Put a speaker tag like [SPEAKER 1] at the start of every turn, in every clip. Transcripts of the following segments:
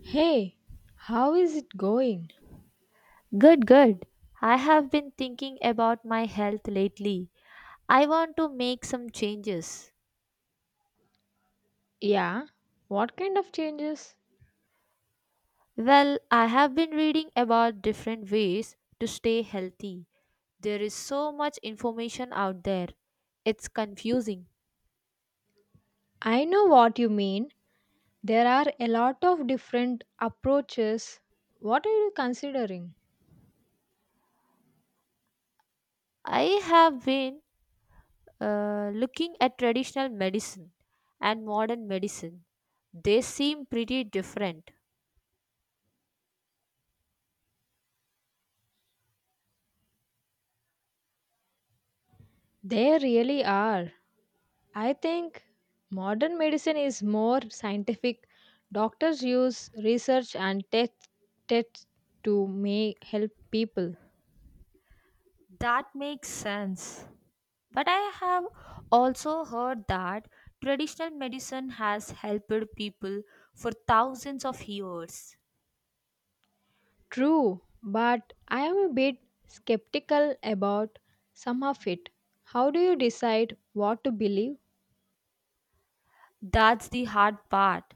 [SPEAKER 1] Hey, how is it going?
[SPEAKER 2] Good, good. I have been thinking about my health lately. I want to make some changes.
[SPEAKER 1] Yeah, what kind of changes?
[SPEAKER 2] Well, I have been reading about different ways to stay healthy. There is so much information out there. It's confusing.
[SPEAKER 1] I know what you mean. There are a lot of different approaches. What are you considering?
[SPEAKER 2] I have been looking at traditional medicine and modern medicine. They seem pretty different.
[SPEAKER 1] There really are. I think modern medicine is more scientific. Doctors use research and tests to may help people.
[SPEAKER 2] That makes sense. But I have also heard that traditional medicine has helped people for thousands of years.
[SPEAKER 1] True, but I am a bit skeptical about some of it. How do you decide what to believe?
[SPEAKER 2] That's the hard part.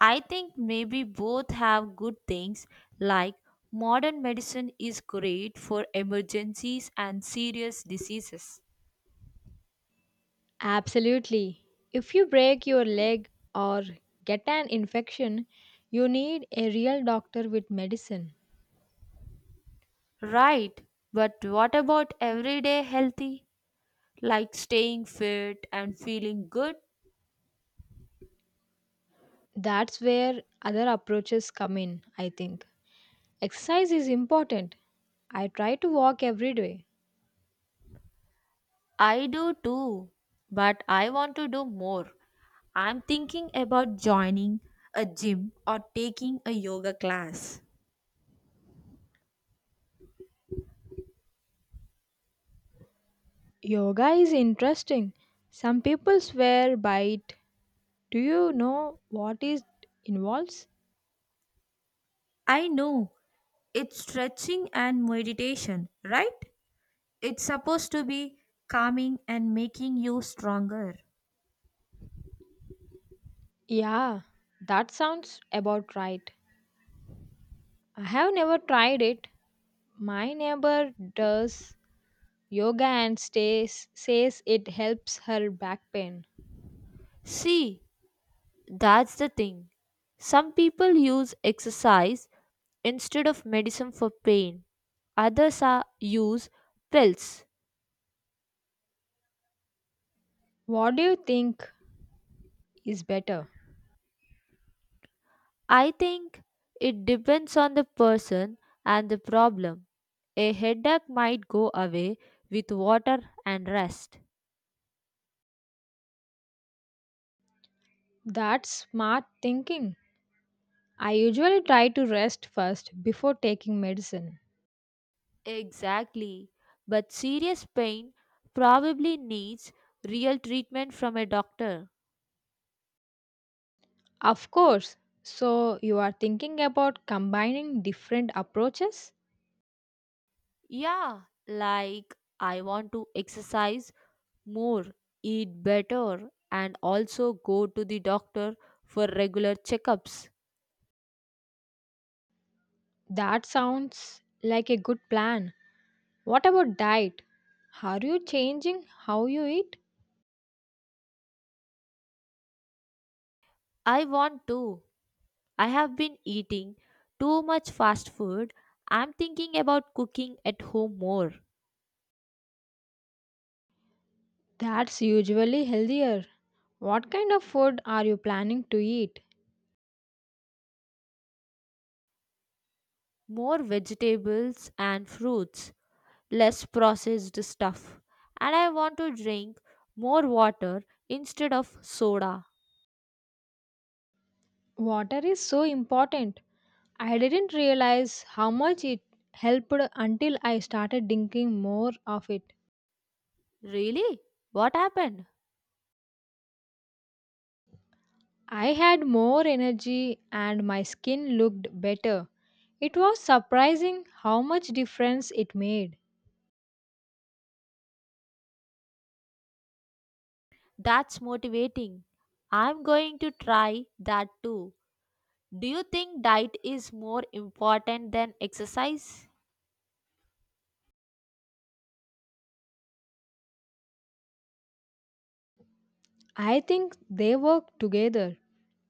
[SPEAKER 2] I think maybe both have good things, like modern medicine is great for emergencies and serious diseases.
[SPEAKER 1] Absolutely. If you break your leg or get an infection, you need a real doctor with medicine.
[SPEAKER 2] Right, but what about everyday healthy, like staying fit and feeling good?
[SPEAKER 1] That's where other approaches come in, I think. Exercise is important. I try to walk every day.
[SPEAKER 2] I do too, but I want to do more. I'm thinking about joining a gym or taking a yoga class.
[SPEAKER 1] Yoga is interesting. Some people swear by it. Do you know what it involves?
[SPEAKER 2] I know it's stretching and meditation, right? It's supposed to be calming and making you stronger.
[SPEAKER 1] Yeah, that sounds about right. I have never tried it. My neighbor does yoga and stays, says it helps her back pain.
[SPEAKER 2] See, that's the thing. Some people use exercise instead of medicine for pain, others are, use pills.
[SPEAKER 1] What do you think is better?
[SPEAKER 2] I think it depends on the person and the problem. A headache might go away with water and rest.
[SPEAKER 1] That's smart thinking. I usually try to rest first before taking medicine.
[SPEAKER 2] Exactly. But serious pain probably needs real treatment from a doctor.
[SPEAKER 1] Of course. So, you are thinking about combining different approaches?
[SPEAKER 2] Yeah, like I want to exercise more, eat better, and also go to the doctor for regular checkups.
[SPEAKER 1] That sounds like a good plan. What about diet? Are you changing how you eat?
[SPEAKER 2] I want to. I have been eating too much fast food. I'm thinking about cooking at home more.
[SPEAKER 1] That's usually healthier. What kind of food are you planning to eat?
[SPEAKER 2] More vegetables and fruits, less processed stuff. And I want to drink more water instead of soda.
[SPEAKER 1] Water is so important. I didn't realize how much it helped until I started drinking more of it.
[SPEAKER 2] Really? What happened?
[SPEAKER 1] I had more energy and my skin looked better. It was surprising how much difference it made.
[SPEAKER 2] That's motivating. I'm going to try that too. Do you think diet is more important than exercise?
[SPEAKER 1] I think they work together.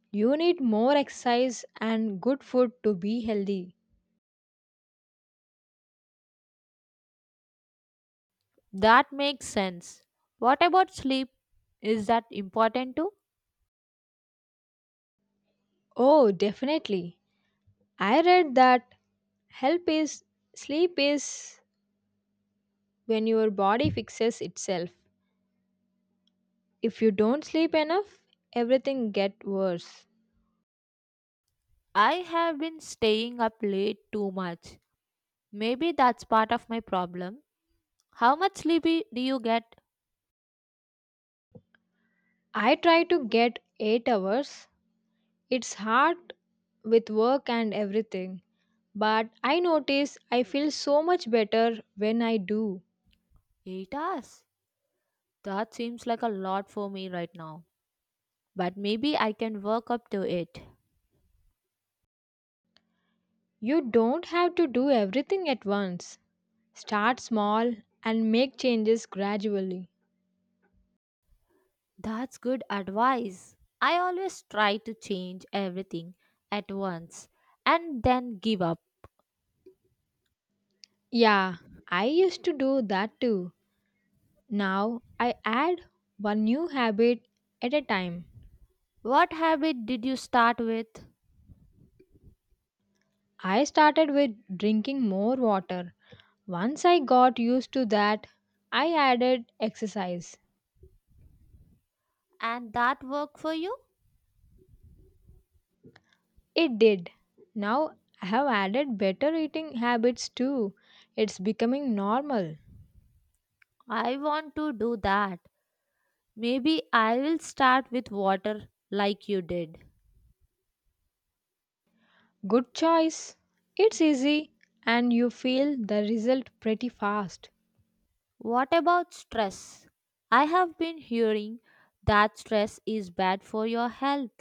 [SPEAKER 1] You need more exercise and good food to be healthy.
[SPEAKER 2] That makes sense. What about sleep? Is that important too?
[SPEAKER 1] Oh, definitely. I read that help is sleep is when your body fixes itself. If you don't sleep enough, everything get worse.
[SPEAKER 2] I have been staying up late too much. Maybe that's part of my problem. How much sleep do you get?
[SPEAKER 1] I try to get 8 hours. It's hard with work and everything, but I notice I feel so much better when I do.
[SPEAKER 2] 8 hours. That seems like a lot for me right now. But maybe I can work up to it.
[SPEAKER 1] You don't have to do everything at once. Start small and make changes gradually.
[SPEAKER 2] That's good advice. I always try to change everything at once and then give up.
[SPEAKER 1] Yeah, I used to do that too. Now I add one new habit at a time.
[SPEAKER 2] What habit did you start with?
[SPEAKER 1] I started with drinking more water. Once I got used to that, I added exercise.
[SPEAKER 2] And that work for you?
[SPEAKER 1] It did. Now I have added better eating habits too. It's becoming normal.
[SPEAKER 2] I want to do that. Maybe I will start with water like you did.
[SPEAKER 1] Good choice. It's easy and you feel the result pretty fast.
[SPEAKER 2] What about stress? I have been hearing that stress is bad for your health.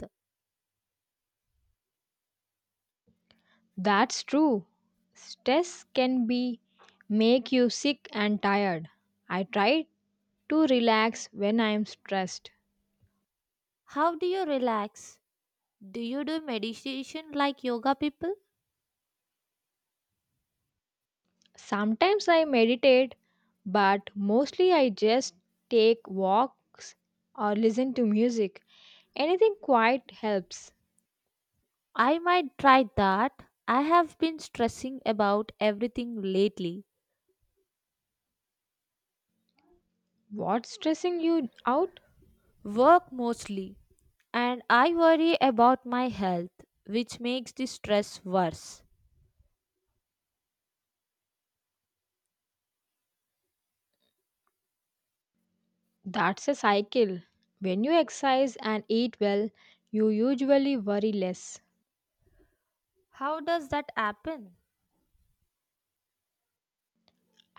[SPEAKER 1] That's true. Stress can be make you sick and tired. I try to relax when I am stressed.
[SPEAKER 2] How do you relax? Do you do meditation like yoga people?
[SPEAKER 1] Sometimes I meditate, but mostly I just take walks or listen to music. Anything quiet helps.
[SPEAKER 2] I might try that. I have been stressing about everything lately,
[SPEAKER 1] What's stressing you out?
[SPEAKER 2] work mostly, and I worry about my health, which makes the stress worse.
[SPEAKER 1] That's a cycle. When you exercise and eat well, you usually worry less.
[SPEAKER 2] How does that happen?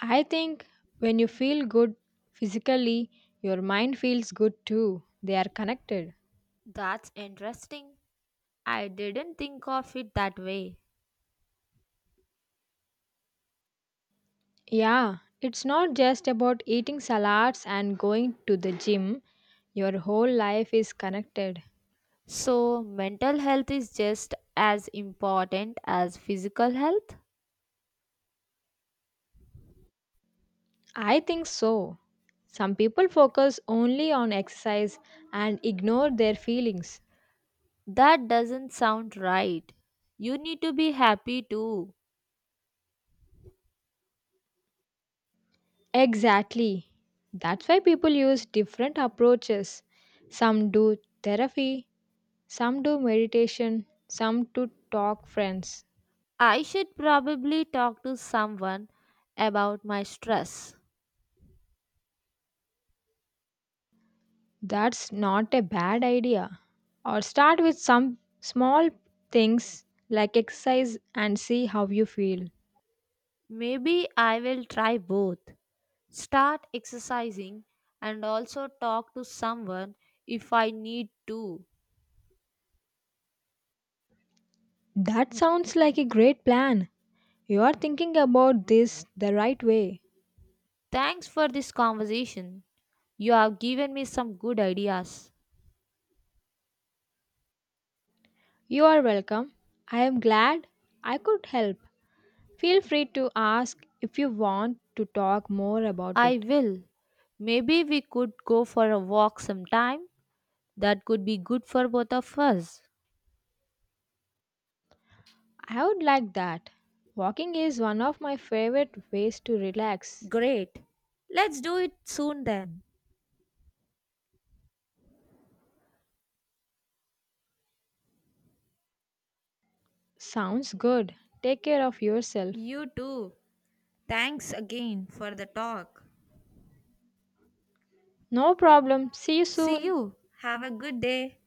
[SPEAKER 1] I think when you feel good physically, your mind feels good too. They are connected.
[SPEAKER 2] That's interesting. I didn't think of it that way.
[SPEAKER 1] Yeah, it's not just about eating salads and going to the gym. Your whole life is connected.
[SPEAKER 2] So, mental health is just as important as physical health?
[SPEAKER 1] I think so. Some people focus only on exercise and ignore their feelings.
[SPEAKER 2] That doesn't sound right. You need to be happy too.
[SPEAKER 1] Exactly. That's why people use different approaches. Some do therapy, some do meditation, some to talk friends.
[SPEAKER 2] I should probably talk to someone about my stress.
[SPEAKER 1] That's not a bad idea. Or start with some small things like exercise and see how you feel.
[SPEAKER 2] Maybe I will try both. Start exercising and also talk to someone if I need to.
[SPEAKER 1] That sounds like a great plan. You are thinking about this the right way.
[SPEAKER 2] Thanks for this conversation. You have given me some good ideas.
[SPEAKER 1] You are welcome. I am glad I could help. Feel free to ask if you want to talk more about
[SPEAKER 2] I
[SPEAKER 1] it.
[SPEAKER 2] will. Maybe we could go for a walk sometime. That could be good for both of us.
[SPEAKER 1] I would like that. Walking is one of my favorite ways to relax.
[SPEAKER 2] Great. Let's do it soon then.
[SPEAKER 1] Sounds good. Take care of yourself.
[SPEAKER 2] You too. Thanks again for the talk.
[SPEAKER 1] No problem. See you
[SPEAKER 2] See
[SPEAKER 1] soon.
[SPEAKER 2] you. Have a good day.